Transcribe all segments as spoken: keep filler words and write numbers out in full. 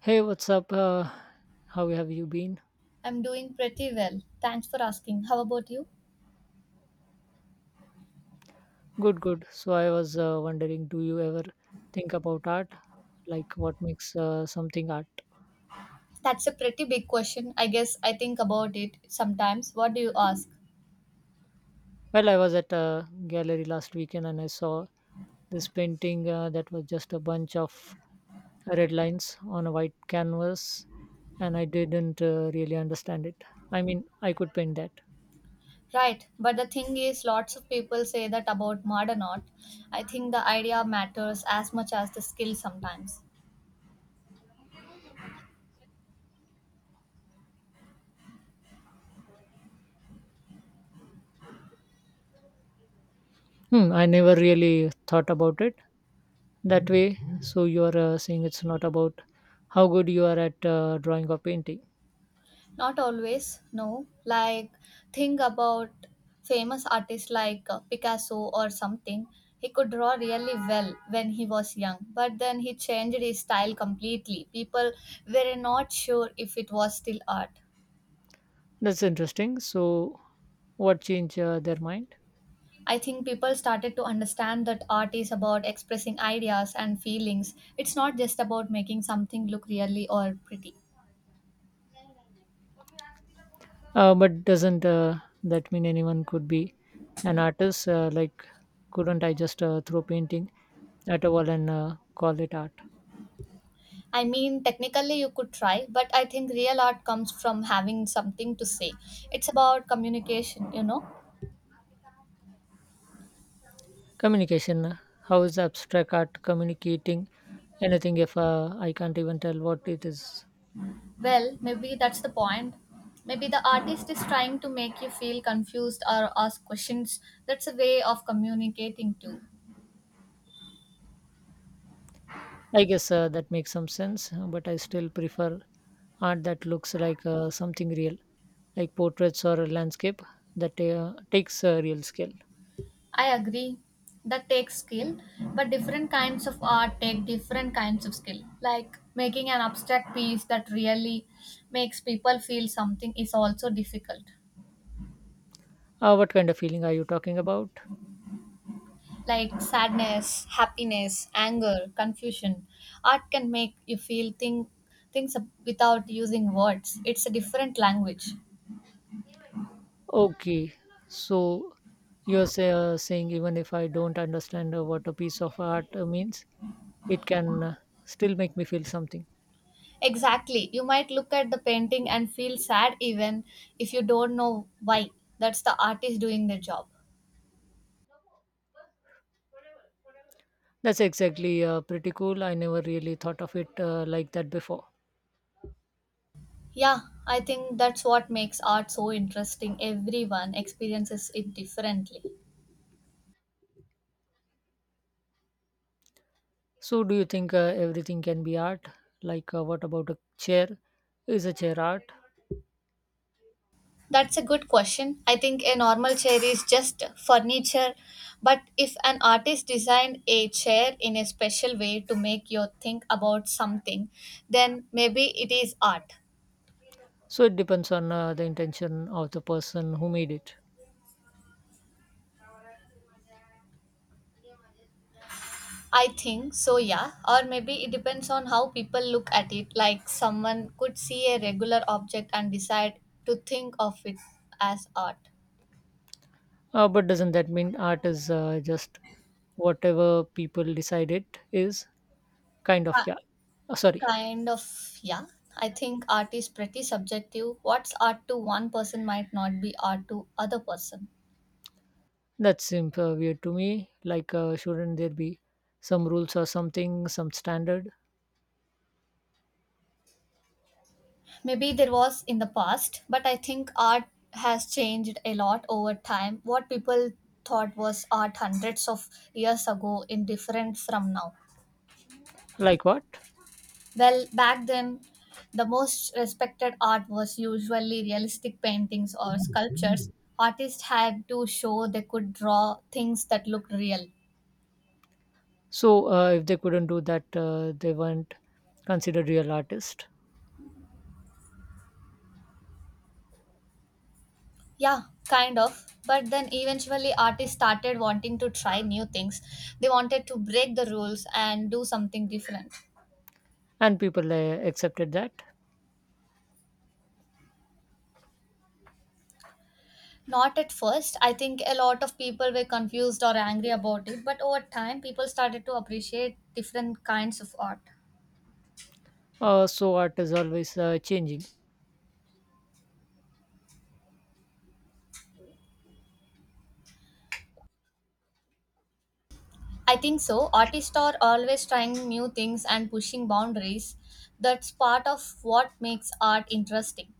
Hey, what's up? Uh, how have you been? I'm doing pretty well. Thanks for asking. How about you? Good, good. So I was uh, wondering, do you ever think about art? Like what makes uh, something art? That's a pretty big question. I guess I think about it sometimes. What do you ask? Well, I was at a gallery last weekend and I saw this painting uh, that was just a bunch of red lines on a white canvas, and I didn't uh, really understand it. I mean, I could paint that. Right, but the thing is, lots of people say that about modern art. I think the idea matters as much as the skill sometimes. Hmm, I never really thought about it that way, so you are uh, saying it's not about how good you are at uh, drawing or painting. Not always, no. Like, think about famous artists like uh, Picasso or something. He could draw really well when he was young, but then he changed his style completely. People were not sure if it was still art. That's interesting, so what change uh, their mind? I think people started to understand that art is about expressing ideas and feelings. It's not just about making something look really or pretty. Uh, but doesn't uh, that mean anyone could be an artist, uh, like couldn't I just uh, throw painting at a wall and uh, call it art? I mean, technically, you could try, but I think real art comes from having something to say. It's about communication, you know? Communication, uh, how is abstract art communicating anything if uh, I can't even tell what it is? Well, maybe that's the point. Maybe the artist is trying to make you feel confused or ask questions. That's a way of communicating, too. I guess uh, that makes some sense, uh, but I still prefer art that looks like uh, something real, like portraits or a landscape. That uh, takes a real skill. I agree. That takes skill, but different kinds of art take different kinds of skill. Like making an abstract piece that really makes people feel something is also difficult. Uh, what kind of feeling are you talking about? Like sadness, happiness, anger, confusion. Art can make you feel think, things ab- without using words. It's a different language. Okay, so you're say, uh, saying even if I don't understand uh, what a piece of art uh, means, it can uh, still make me feel something. Exactly. You might look at the painting and feel sad even if you don't know why. That's the artist doing their job. That's exactly, uh, pretty cool. I never really thought of it uh, like that before. Yeah, I think that's what makes art so interesting. Everyone experiences it differently. So, do you think uh, everything can be art? Like, uh, what about a chair? Is a chair art? That's a good question. I think a normal chair is just furniture, but if an artist designed a chair in a special way to make you think about something, then maybe it is art. So, it depends on uh, the intention of the person who made it. I think so, yeah. Or maybe it depends on how people look at it. Like someone could see a regular object and decide to think of it as art. Uh, but doesn't that mean art is uh, just whatever people decide it is? Kind of, yeah. Ki- Uh, sorry, Kind of, yeah. I think art is pretty subjective. What's art to one person might not be art to other person. that seems uh, weird to me. Like, uh, shouldn't there be some rules or something, some standard? Maybe there was in the past, but I think art has changed a lot over time. What people thought was art hundreds of years ago in different from now. Like what? Well, back then, the most respected art was usually realistic paintings or sculptures. Artists had to show they could draw things that looked real. So, uh, if they couldn't do that, uh, they weren't considered real artists, Yeah, kind of. But then eventually, artists started wanting to try new things. They wanted to break the rules and do something different. and people uh, accepted that. Not at first. I think a lot of people were confused or angry about it, but over time, people started to appreciate different kinds of art. Uh, so, art is always uh, changing. I think so. Artists are always trying new things and pushing boundaries. That's part of what makes art interesting.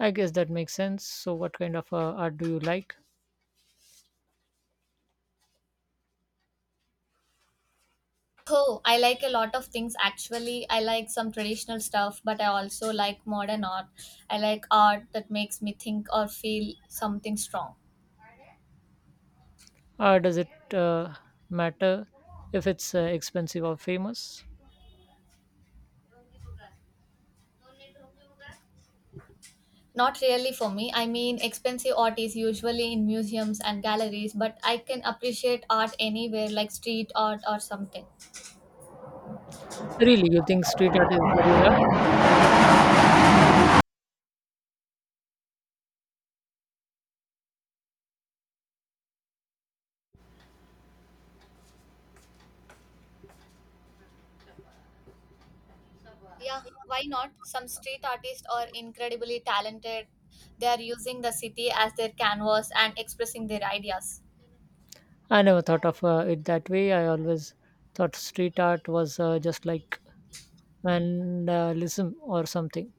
I guess that makes sense. So, what kind of uh, art do you like? Oh, I like a lot of things actually. I like some traditional stuff, but I also like modern art. I like art that makes me think or feel something strong. Uh, does it uh, matter if it's uh, expensive or famous? Not really for me. I mean, expensive art is usually in museums and galleries, but I can appreciate art anywhere, like street art or something. Really, you think street art is real art? Yeah, why not? Some street artists are incredibly talented. They are using the city as their canvas and expressing their ideas. I never thought of uh, it that way. I always thought street art was uh, just like vandalism or something.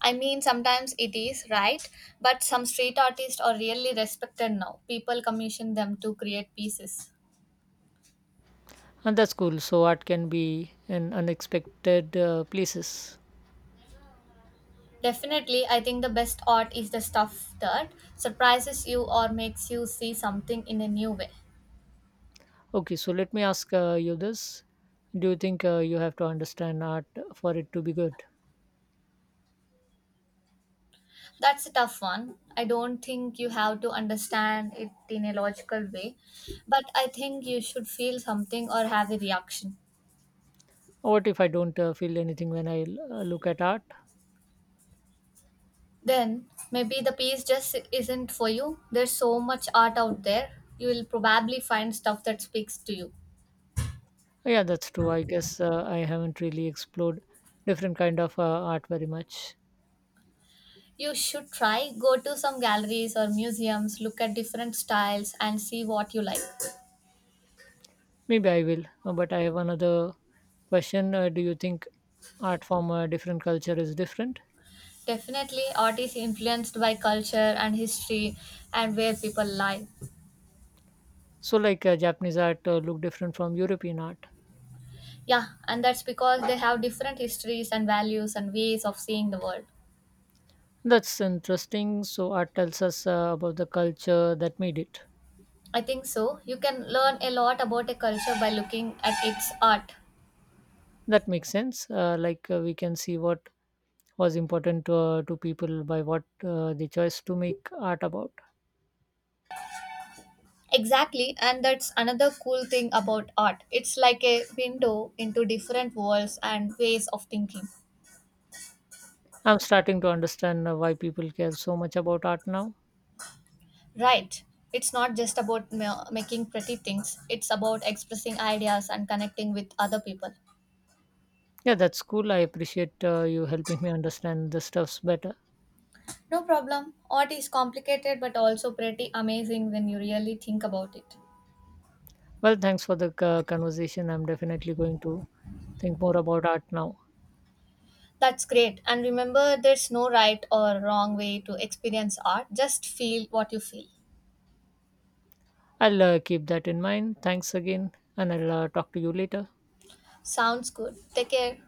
I mean, sometimes it is, right? But some street artists are really respected now. People commission them to create pieces. And that's cool. So, art can be in unexpected uh, places. Definitely, I think the best art is the stuff that surprises you or makes you see something in a new way. Okay, so let me ask uh, you this. Do you think uh, you have to understand art for it to be good? That's a tough one. I don't think you have to understand it in a logical way, but I think you should feel something or have a reaction. What if I don't uh, feel anything when I uh, look at art? Then maybe the piece just isn't for you. There's so much art out there. You will probably find stuff that speaks to you. Yeah, that's true. I guess uh, I haven't really explored different kind of uh, art very much. You should try, go to some galleries or museums, look at different styles, and see what you like. Maybe I will. Uh, But I have another question. Uh, do you think art from a different culture is different? Definitely, art is influenced by culture and history and where people live. So, like uh, Japanese art uh, look different from European art. Yeah, and that's because they have different histories and values and ways of seeing the world. That's interesting. So, art tells us uh, about the culture that made it. I think so. You can learn a lot about a culture by looking at its art. That makes sense. Uh, like, uh, we can see what was important to, uh, to people by what uh, they chose to make art about. Exactly, and that's another cool thing about art. It's like a window into different worlds and ways of thinking. I'm starting to understand uh, why people care so much about art now. Right. It's not just about ma- making pretty things, it's about expressing ideas and connecting with other people. Yeah, that's cool. I appreciate uh, you helping me understand the stuffs better. No problem. Art is complicated but also pretty amazing when you really think about it. Well, thanks for the uh, conversation. I'm definitely going to think more about art now. That's great. And remember, there's no right or wrong way to experience art. Just feel what you feel. I'll uh, keep that in mind. Thanks again, and I'll uh, talk to you later. Sounds good. Take care.